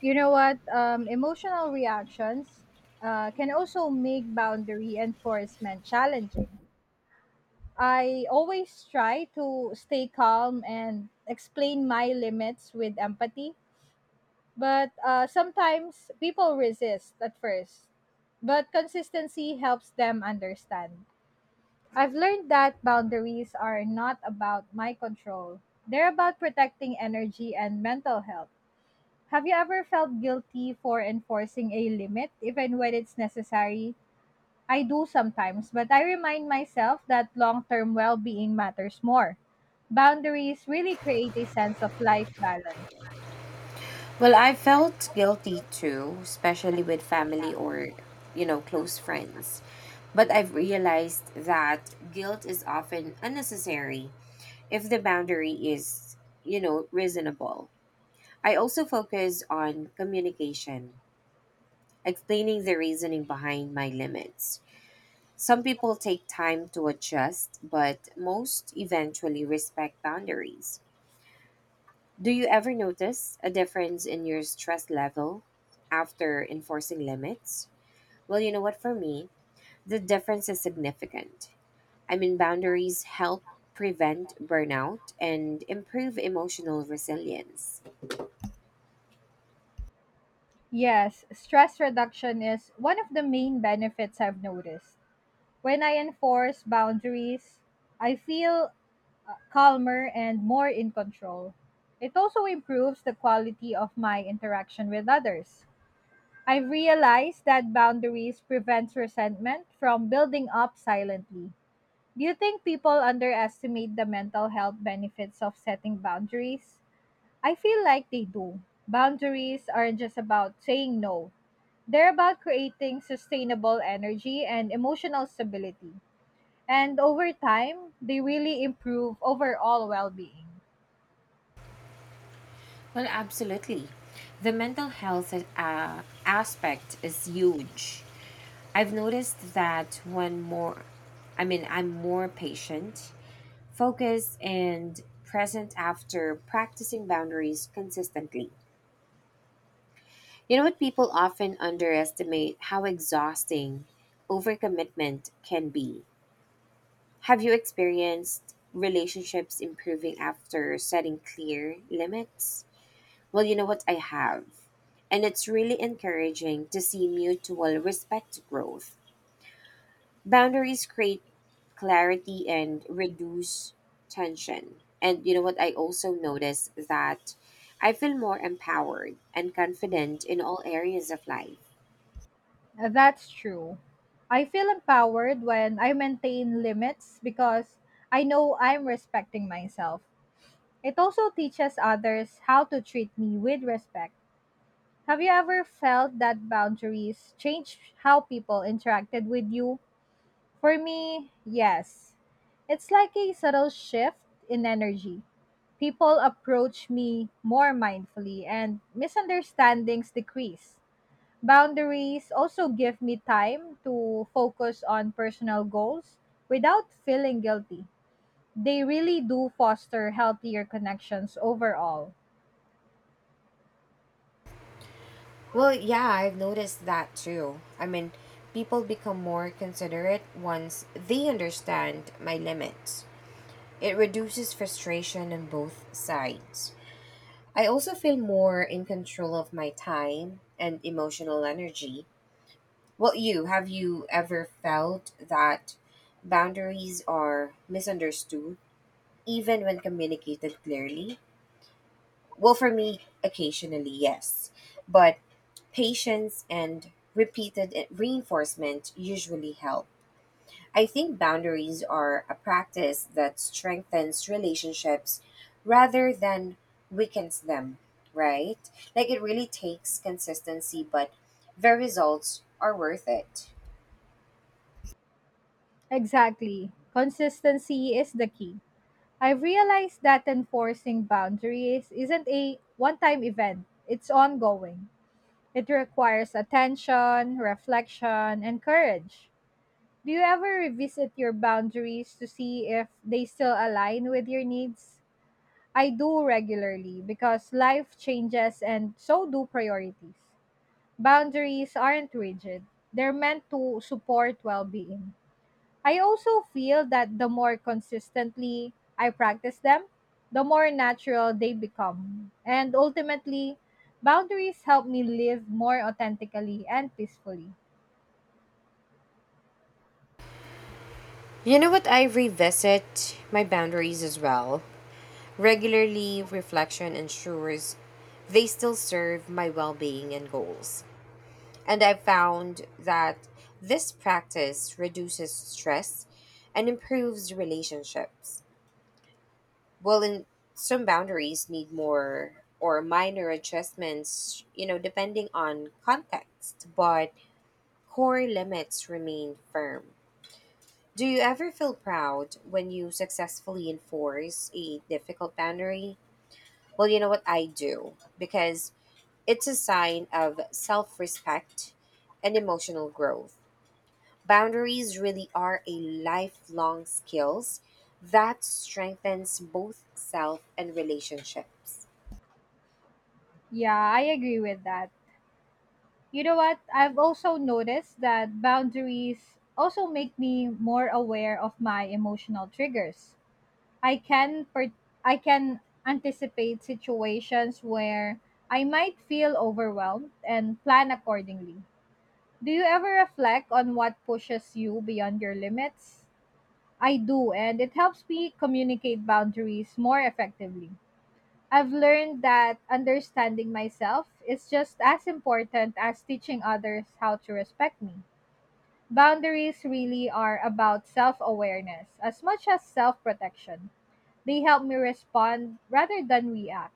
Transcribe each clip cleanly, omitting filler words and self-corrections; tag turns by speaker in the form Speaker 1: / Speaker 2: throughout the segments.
Speaker 1: You know what? Emotional reactions can also make boundary enforcement challenging. I always try to stay calm and explain my limits with empathy, but sometimes people resist at first. But consistency helps them understand. I've learned that boundaries are not about my control, they're about protecting energy and mental health. Have you ever felt guilty for enforcing a limit, even when it's necessary? I do sometimes, but I remind myself that long term well being matters more. Boundaries really create a sense of life balance.
Speaker 2: Well, I felt guilty too, especially with family or, close friends. But I've realized that guilt is often unnecessary if the boundary is, reasonable. I also focus on communication, explaining the reasoning behind my limits. Some people take time to adjust, but most eventually respect boundaries. Do you ever notice a difference in your stress level after enforcing limits? Well, you know what, for me, the difference is significant. I mean, boundaries help prevent burnout and improve emotional resilience.
Speaker 1: Yes, stress reduction is one of the main benefits I've noticed. When I enforce boundaries, I feel calmer and more in control. It also improves the quality of my interaction with others. I've realized that boundaries prevents resentment from building up silently. Do you think people underestimate the mental health benefits of setting boundaries? I feel like they do. Boundaries aren't just about saying no. They're about creating sustainable energy and emotional stability. And over time, they really improve overall well-being.
Speaker 2: Well, absolutely. The mental health aspect is huge. I've noticed that I mean, I'm more patient, focused, and present after practicing boundaries consistently. You know what? People often underestimate how exhausting overcommitment can be. Have you experienced relationships improving after setting clear limits? Well, you know what? I have. And it's really encouraging to see mutual respect growth. Boundaries create clarity and reduce tension. And you know what? I also notice that I feel more empowered and confident in all areas of life.
Speaker 1: That's true. I feel empowered when I maintain limits because I know I'm respecting myself. It also teaches others how to treat me with respect. Have you ever felt that boundaries change how people interacted with you? For me, yes. It's like a subtle shift in energy. People approach me more mindfully and misunderstandings decrease. Boundaries also give me time to focus on personal goals without feeling guilty. They really do foster healthier connections overall.
Speaker 2: Well, yeah, I've noticed that too. I mean, people become more considerate once they understand my limits. It reduces frustration on both sides. I also feel more in control of my time and emotional energy. Well, have you ever felt that boundaries are misunderstood even when communicated clearly? Well, for me, occasionally, yes. But patience and repeated reinforcement usually help. I think boundaries are a practice that strengthens relationships rather than weakens them, right? Like it really takes consistency, but the results are worth it.
Speaker 1: Exactly. Consistency is the key. I've realized that enforcing boundaries isn't a one time event, it's ongoing. It requires attention, reflection, and courage. Do you ever revisit your boundaries to see if they still align with your needs? I do regularly because life changes and so do priorities. Boundaries aren't rigid, they're meant to support well being. I also feel that the more consistently I practice them, the more natural they become. And ultimately, boundaries help me live more authentically and peacefully.
Speaker 2: You know what? I revisit my boundaries as well. Regularly, reflection ensures they still serve my well being and goals. And I've found that this practice reduces stress and improves relationships. Well, in some boundaries need more or minor adjustments, you know, depending on context, but core limits remain firm. Do you ever feel proud when you successfully enforce a difficult boundary? Well, you know what I do because it's a sign of self-respect and emotional growth. Boundaries really are a lifelong skills that strengthens both self and relationships.
Speaker 1: Yeah, I agree with that. You know what? I've also noticed that boundaries also make me more aware of my emotional triggers. I can per- I can anticipate situations where I might feel overwhelmed and plan accordingly. Do you ever reflect on what pushes you beyond your limits? I do, and it helps me communicate boundaries more effectively. I've learned that understanding myself is just as important as teaching others how to respect me. Boundaries really are about self awareness as much as self protection. They help me respond rather than react.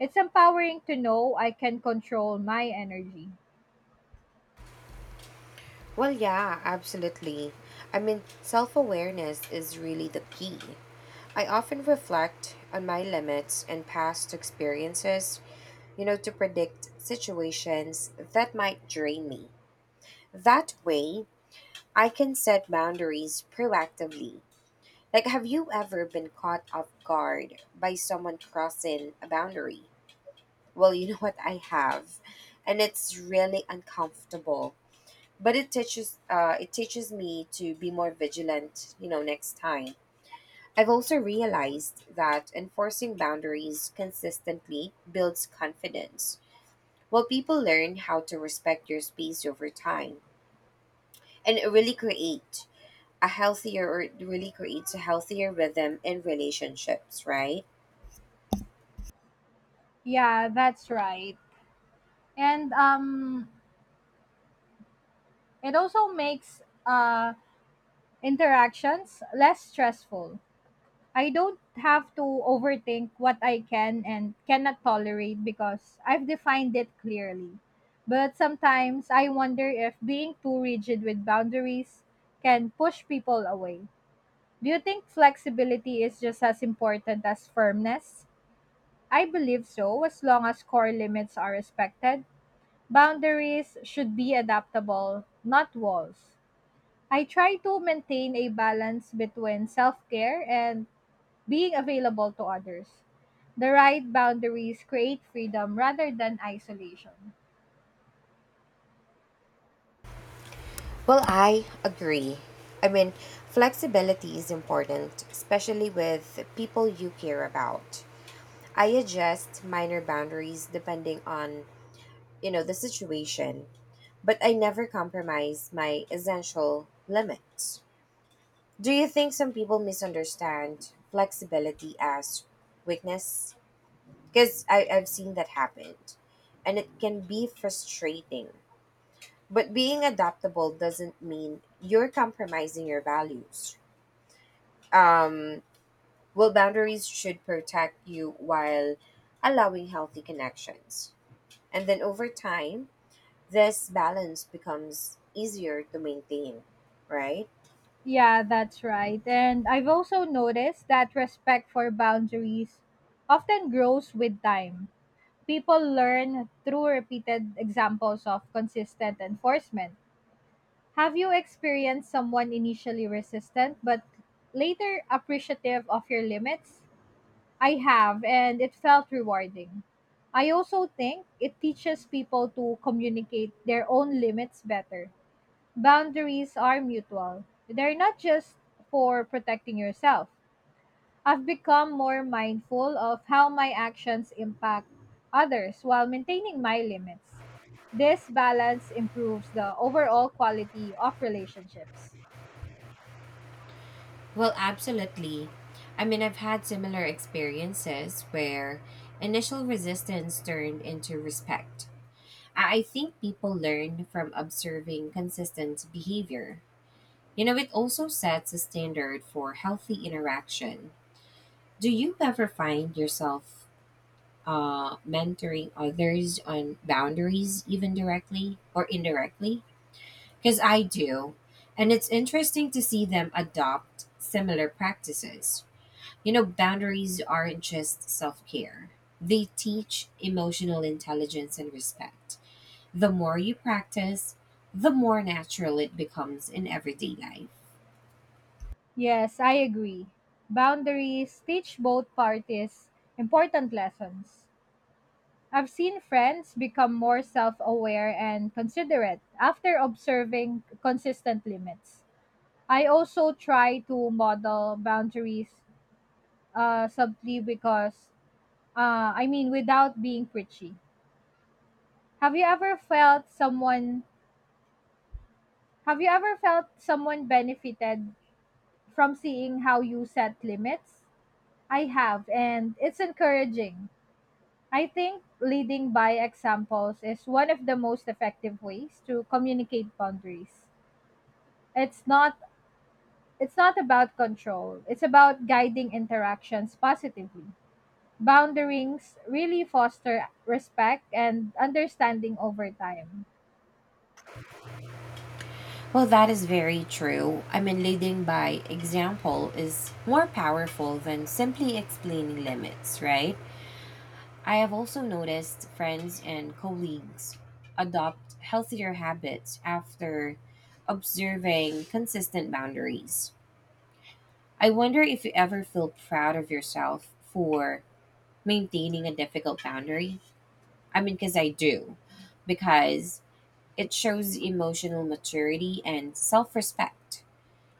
Speaker 1: It's empowering to know I can control my energy.
Speaker 2: Well, yeah, absolutely. I mean, self-awareness is really the key. I often reflect on my limits and past experiences, you know, to predict situations that might drain me. That way, I can set boundaries proactively. Like, have you ever been caught off guard by someone crossing a boundary? Well, you know what I have, and it's really uncomfortable. But it teaches me to be more vigilant, you know, next time. I've also realized that enforcing boundaries consistently builds confidence. Well, people learn how to respect your space over time, and it really creates a healthier rhythm in relationships, right?
Speaker 1: Yeah, that's right. And it also makes interactions less stressful. I don't have to overthink what I can and cannot tolerate because I've defined it clearly. But sometimes I wonder if being too rigid with boundaries can push people away. Do you think flexibility is just as important as firmness? I believe so, as long as core limits are respected. Boundaries should be adaptable, not walls. I try to maintain a balance between self care and being available to others. The right boundaries create freedom rather than isolation.
Speaker 2: Well, I agree. I mean, flexibility is important, especially with people you care about. I adjust minor boundaries depending on, you know, the situation, but I never compromise my essential limits. Do you think some people misunderstand flexibility as weakness? Because I've seen that happen, and it can be frustrating. But being adaptable doesn't mean you're compromising your values. Um, well, boundaries should protect you while allowing healthy connections. And then over time, this balance becomes easier to maintain, right?
Speaker 1: Yeah, that's right. And I've also noticed that respect for boundaries often grows with time. People learn through repeated examples of consistent enforcement. Have you experienced someone initially resistant but later appreciative of your limits? I have, and it felt rewarding. I also think it teaches people to communicate their own limits better. Boundaries are mutual, they're not just for protecting yourself. I've become more mindful of how my actions impact others while maintaining my limits. This balance improves the overall quality of relationships.
Speaker 2: Well, absolutely. I mean, I've had similar experiences where initial resistance turned into respect. I think people learn from observing consistent behavior. You know, it also sets a standard for healthy interaction. Do you ever find yourself mentoring others on boundaries, even directly or indirectly? Because I do. And it's interesting to see them adopt similar practices. You know, boundaries aren't just self care, they teach emotional intelligence and respect. The more you practice, the more natural it becomes in everyday life.
Speaker 1: Yes, I agree. Boundaries teach both parties important lessons. I've seen friends become more self aware and considerate after observing consistent limits. I also try to model boundaries subtly because, I mean, without being preachy. Have you ever felt someone? Have you ever felt someone benefited from seeing how you set limits? I have, and it's encouraging. I think leading by examples is one of the most effective ways to communicate boundaries. It's not it's not about control. It's about guiding interactions positively. Boundarings really foster respect and understanding over time.
Speaker 2: Well, that is very true. I mean, leading by example is more powerful than simply explaining limits, right? I have also noticed friends and colleagues adopt healthier habits after observing consistent boundaries. I wonder if you ever feel proud of yourself for maintaining a difficult boundary. I mean, because I do, because it shows emotional maturity and self respect.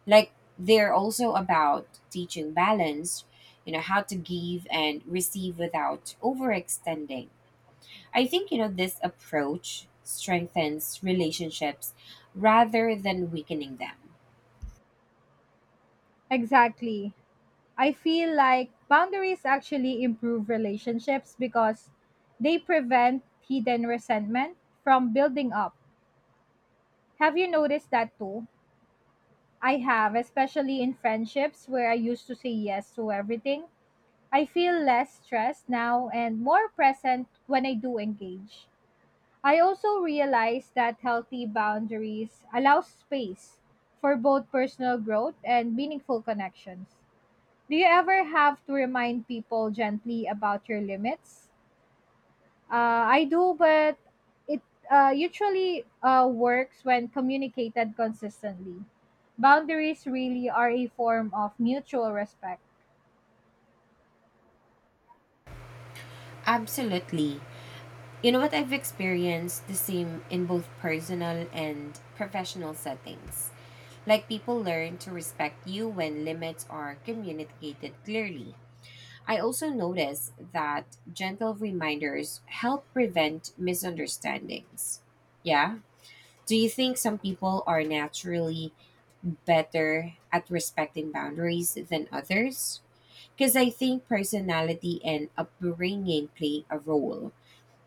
Speaker 2: Like they're also about teaching balance, you know, how to give and receive without overextending. I think, you know, this approach strengthens relationships rather than weakening them.
Speaker 1: Exactly. I feel like boundaries actually improve relationships because they prevent hidden resentment from building up. Have you noticed that too? I have, especially in friendships where I used to say yes to everything. I feel less stressed now and more present when I do engage. I also realize that healthy boundaries allow space for both personal growth and meaningful connections. Do you ever have to remind people gently about your limits? I do, but it usually works when communicated consistently. Boundaries really are a form of mutual respect.
Speaker 2: Absolutely. You know what? I've experienced the same in both personal and professional settings. Like people learn to respect you when limits are communicated clearly. I also notice that gentle reminders help prevent misunderstandings. Yeah. Do you think some people are naturally better at respecting boundaries than others? Because I think personality and upbringing play a role.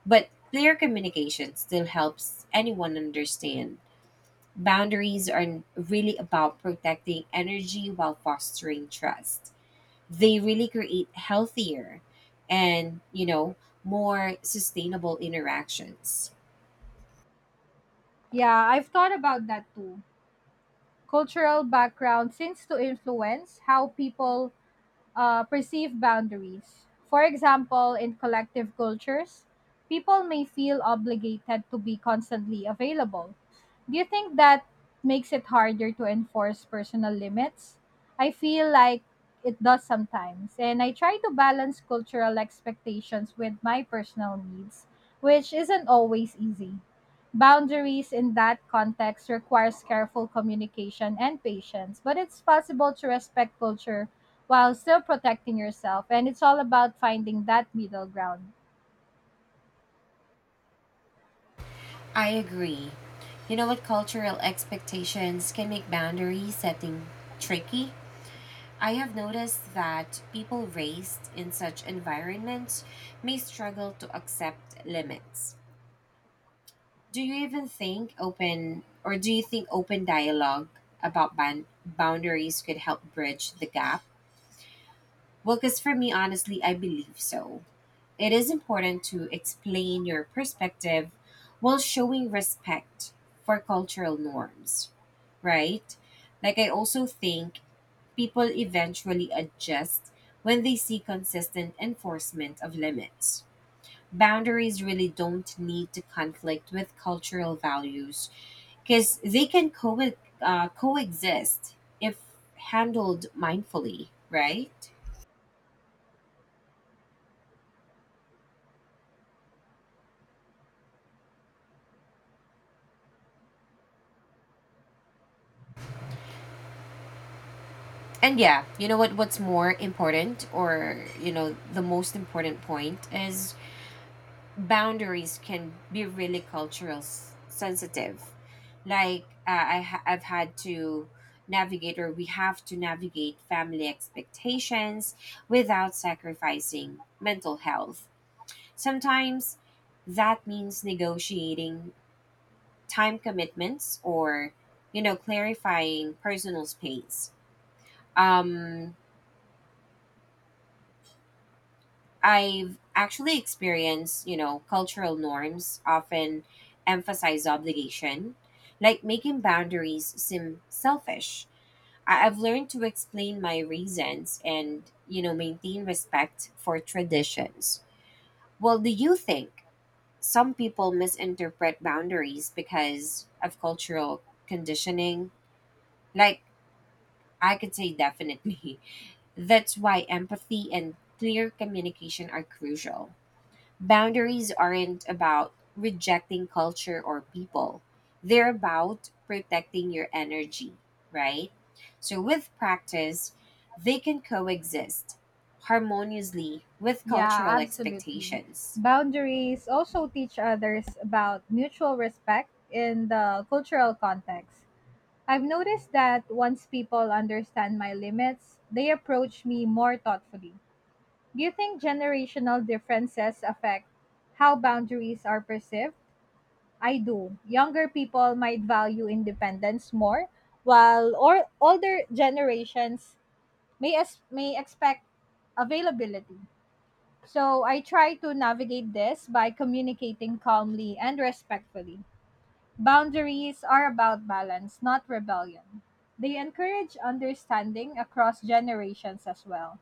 Speaker 2: But clear communication still helps anyone understand. Boundaries are really about protecting energy while fostering trust. They really create healthier and, you know, more sustainable interactions.
Speaker 1: Yeah, I've thought about that too. Cultural background seems to influence how people perceive boundaries. For example, in collective cultures, people may feel obligated to be constantly available. Do you think that makes it harder to enforce personal limits? I feel like it does sometimes, and I try to balance cultural expectations with my personal needs, which isn't always easy. Boundaries in that context requires careful communication and patience, but it's possible to respect culture while still protecting yourself. And it's all about finding that middle ground.
Speaker 2: I agree. You know what? Cultural expectations can make boundary setting tricky. I have noticed that people raised in such environments may struggle to accept limits. Do you think open dialogue about boundaries could help bridge the gap? Well, because for me honestly, I believe so. It is important to explain your perspective while showing respect for cultural norms, right? Like, I also think people eventually adjust when they see consistent enforcement of limits. Boundaries really don't need to conflict with cultural values because they can coexist if handled mindfully, right? And yeah, you know what, what's more important or you know, the most important point is boundaries can be really cultural sensitive. Like I've had to navigate or we have to navigate family expectations without sacrificing mental health. Sometimes that means negotiating time commitments or, you know, clarifying personal space. Um I've actually experienced, you know, cultural norms often emphasize obligation, like making boundaries seem selfish. I've learned to explain my reasons and, you know, maintain respect for traditions. Well, do you think some people misinterpret boundaries because of cultural conditioning? Like, I could say definitely. That's why empathy and clear communication are crucial. Boundaries aren't about rejecting culture or people, they're about protecting your energy, right? So, with practice, they can coexist harmoniously with
Speaker 1: Yeah,
Speaker 2: cultural
Speaker 1: absolutely.
Speaker 2: expectations.
Speaker 1: Boundaries also teach others about mutual respect in the cultural context. I've noticed that once people understand my limits, they approach me more thoughtfully. Do you think generational differences affect how boundaries are perceived? I do. Younger people might value independence more, while or older generations may expect availability. So I try to navigate this by communicating calmly and respectfully. Boundaries are about balance, not rebellion. They encourage understanding across generations as well.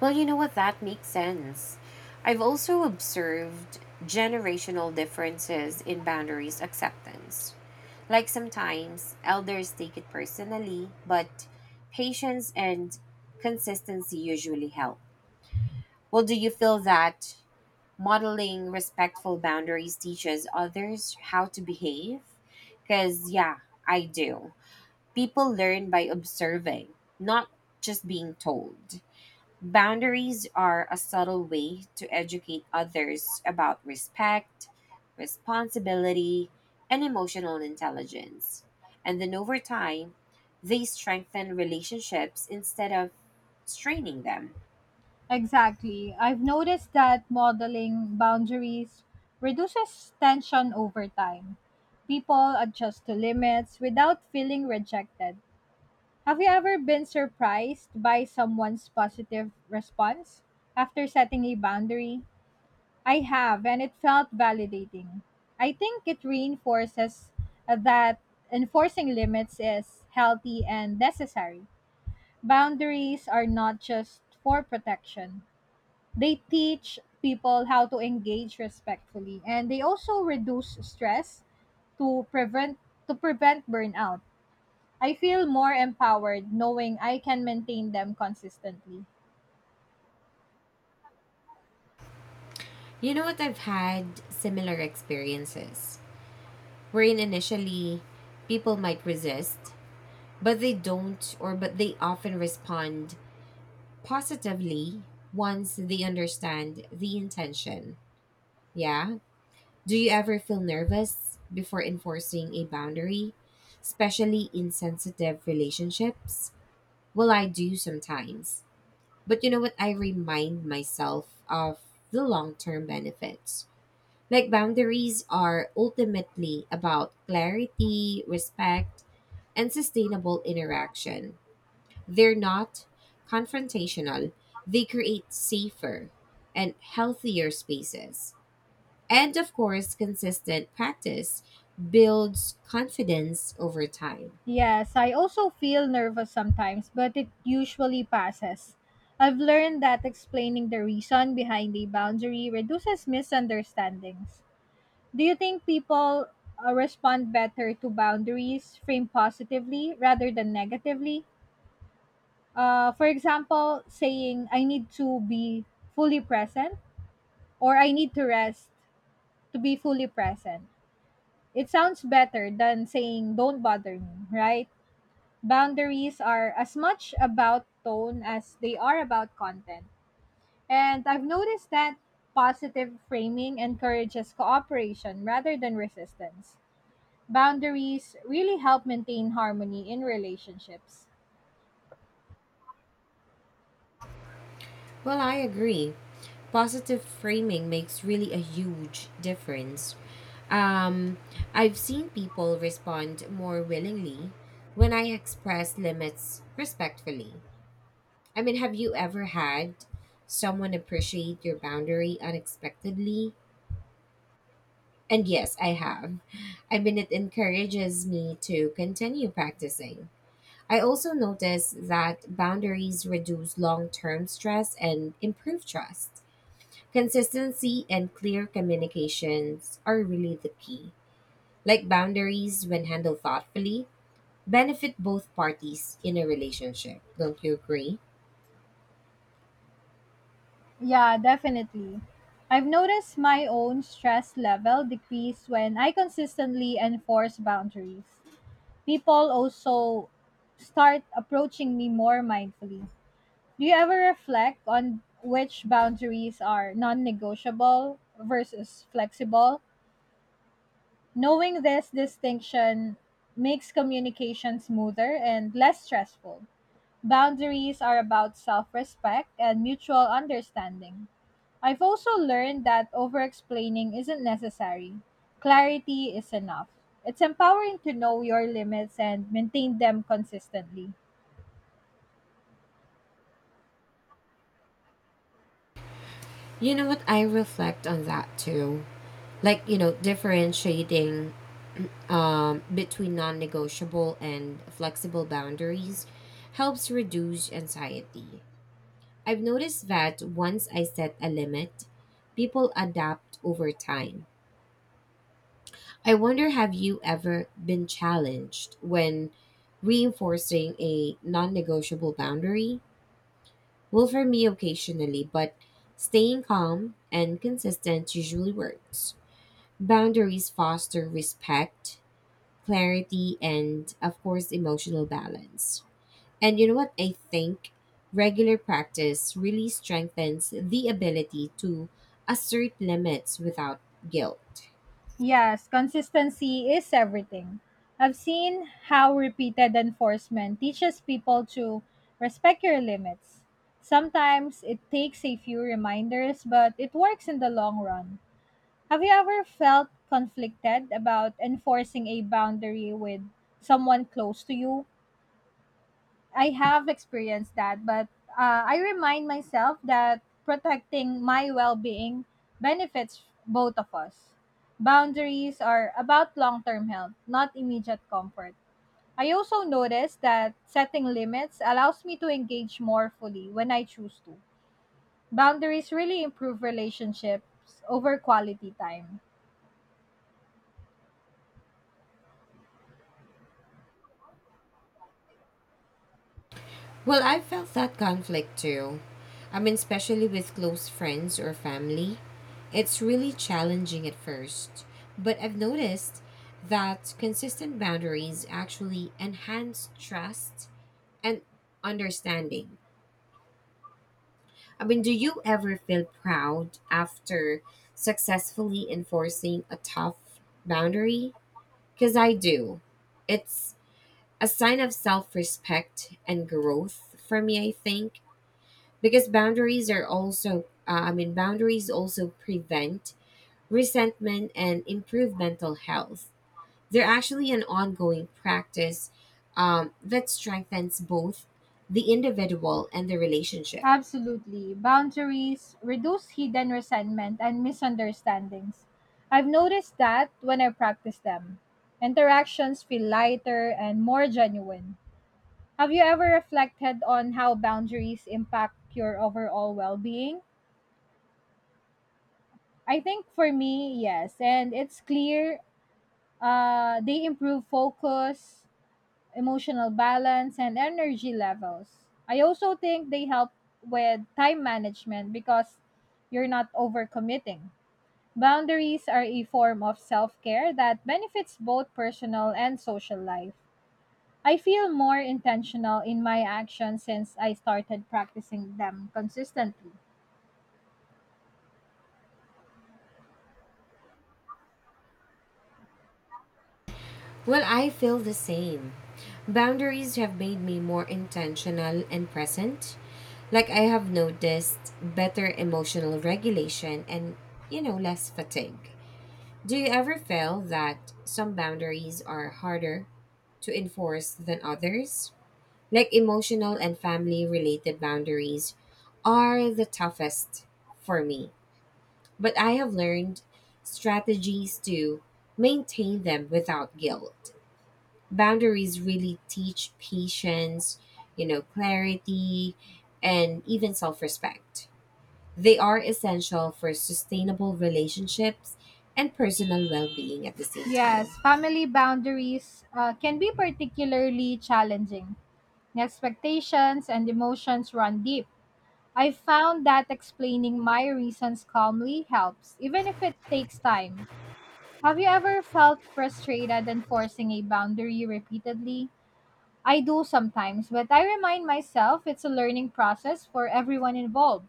Speaker 2: Well, you know what? That makes sense. I've also observed generational differences in boundaries acceptance. Like sometimes elders take it personally, but patience and consistency usually help. Well, do you feel that modeling respectful boundaries teaches others how to behave? Because, yeah, I do. People learn by observing, not just being told. Boundaries are a subtle way to educate others about respect, responsibility, and emotional intelligence. And then over time, they strengthen relationships instead of straining them.
Speaker 1: Exactly. I've noticed that modeling boundaries reduces tension over time. People adjust to limits without feeling rejected. Have you ever been surprised by someone's positive response after setting a boundary? I have, and it felt validating. I think it reinforces that enforcing limits is healthy and necessary. Boundaries are not just for protection, they teach people how to engage respectfully, and they also reduce stress to prevent to prevent burnout. I feel more empowered knowing I can maintain them consistently.
Speaker 2: You know what? I've had similar experiences wherein initially people might resist, but they don't, or but they often respond positively once they understand the intention. Yeah. Do you ever feel nervous before enforcing a boundary, especially in sensitive relationships? Well, I do sometimes. But you know what? I remind myself of the long term benefits. Like, boundaries are ultimately about clarity, respect, and sustainable interaction. They're not confrontational, they create safer and healthier spaces. And of course, consistent practice builds confidence over time.
Speaker 1: Yes, I also feel nervous sometimes, but it usually passes. I've learned that explaining the reason behind a boundary reduces misunderstandings. Do you think people respond better to boundaries framed positively rather than negatively? For example, saying, I need to be fully present, or I need to rest to be fully present. It sounds better than saying don't bother me, right? Boundaries are as much about tone as they are about content. And I've noticed that positive framing encourages cooperation rather than resistance. Boundaries really help maintain harmony in relationships.
Speaker 2: Well, I agree. Positive framing makes really a huge difference. Um, I've seen people respond more willingly when I express limits respectfully. I mean, have you ever had someone appreciate your boundary unexpectedly? And yes, I have. I mean, it encourages me to continue practicing. I also noticed that boundaries reduce long term stress and improve trust. Consistency and clear communications are really the key. Like boundaries, when handled thoughtfully, benefit both parties in a relationship. Don't you agree?
Speaker 1: Yeah, definitely. I've noticed my own stress level decrease when I consistently enforce boundaries. People also start approaching me more mindfully. Do you ever reflect on which boundaries are non negotiable versus flexible? Knowing this distinction makes communication smoother and less stressful. Boundaries are about self respect and mutual understanding. I've also learned that over explaining isn't necessary. Clarity is enough. It's empowering to know your limits and maintain them consistently.
Speaker 2: You know what? I reflect on that too. Like, you know, differentiating between non negotiable and flexible boundaries helps reduce anxiety. I've noticed that once I set a limit, people adapt over time. I wonder, have you ever been challenged when reinforcing a non negotiable boundary? Well, for me, occasionally, but staying calm and consistent usually works. Boundaries foster respect, clarity, and, of course, emotional balance. And you know what? I think regular practice really strengthens the ability to assert limits without guilt.
Speaker 1: Yes, consistency is everything. I've seen how repeated enforcement teaches people to respect your limits. Sometimes it takes a few reminders, but it works in the long run. Have you ever felt conflicted about enforcing a boundary with someone close to you? I have experienced that, but I remind myself that protecting my well being benefits both of us. Boundaries are about long term health, not immediate comfort. I also notice that setting limits allows me to engage more fully when I choose to. Boundaries really improve relationships over quality time.
Speaker 2: Well, I felt that conflict too. I mean, especially with close friends or family. It's really challenging at first, but I've noticed that consistent boundaries actually enhance trust and understanding. I mean, do you ever feel proud after successfully enforcing a tough boundary? Because I do. It's a sign of self respect and growth for me, I think. Because boundaries are also, I mean, boundaries also prevent resentment and improve mental health. They're actually an ongoing practice that strengthens both the individual and the relationship.
Speaker 1: Absolutely. Boundaries reduce hidden resentment and misunderstandings. I've noticed that when I practice them. Interactions feel lighter and more genuine. Have you ever reflected on how boundaries impact your overall well being? I think for me, yes. And it's clear they improve focus, emotional balance and energy levels. I also think they help with time management because you're not overcommitting. Boundaries are a form of self care that benefits both personal and social life. I feel more intentional in my actions since I started practicing them consistently.
Speaker 2: Well, I feel the same. Boundaries have made me more intentional and present. Like I have noticed better emotional regulation and, you know, less fatigue. Do you ever feel that some boundaries are harder to enforce than others? Like emotional and family related boundaries are the toughest for me. But I have learned strategies to maintain them without guilt. Boundaries really teach patience, you know, clarity, and even self respect. They are essential for sustainable relationships and personal well being at the same time.
Speaker 1: Yes, family boundaries can be particularly challenging. Expectations and emotions run deep. I found that explaining my reasons calmly helps, even if it takes time. Have you ever felt frustrated enforcing a boundary repeatedly? I do sometimes, but I remind myself it's a learning process for everyone involved.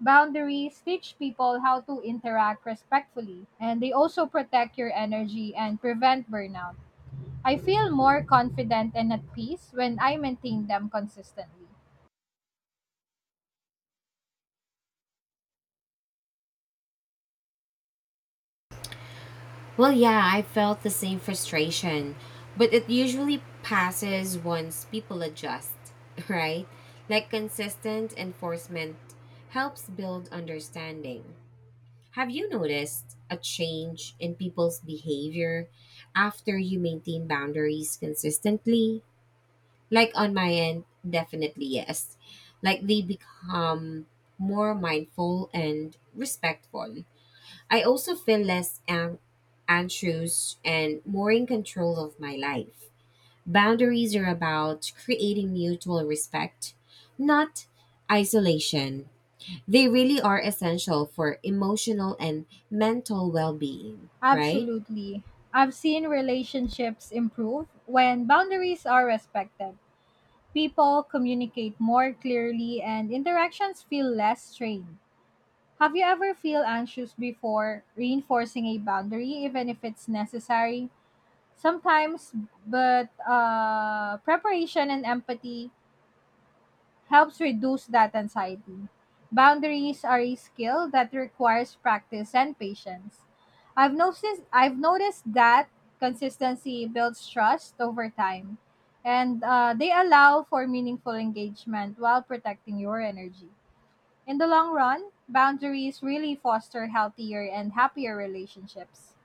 Speaker 1: Boundaries teach people how to interact respectfully, and they also protect your energy and prevent burnout. I feel more confident and at peace when I maintain them consistently.
Speaker 2: Well, yeah, I felt the same frustration, but it usually passes once people adjust, right? Like consistent enforcement helps build understanding. Have you noticed a change in people's behavior after you maintain boundaries consistently? Like on my end, definitely yes. Like they become more mindful and respectful. I also feel less anxious and more in control of my life. Boundaries are about creating mutual respect, not isolation. They really are essential for emotional and mental well being, right?
Speaker 1: Absolutely. I've seen relationships improve when boundaries are respected. People communicate more clearly and interactions feel less strained. Have you ever feel anxious before reinforcing a boundary even if it's necessary? Sometimes, but preparation and empathy helps reduce that anxiety. Boundaries are a skill that requires practice and patience. I've noticed that consistency builds trust over time, and they allow for meaningful engagement while protecting your energy. In the long run, boundaries really foster healthier and happier relationships.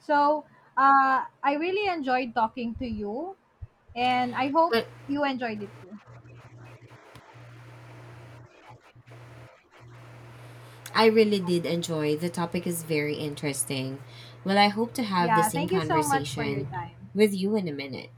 Speaker 1: So, I really enjoyed talking to you, and I hope
Speaker 2: But
Speaker 1: you enjoyed it too.
Speaker 2: I really did enjoy, the topic is very interesting. Well, I hope to have the
Speaker 1: Yeah,
Speaker 2: same
Speaker 1: thank you so much for your
Speaker 2: conversation
Speaker 1: time.
Speaker 2: with you in a minute.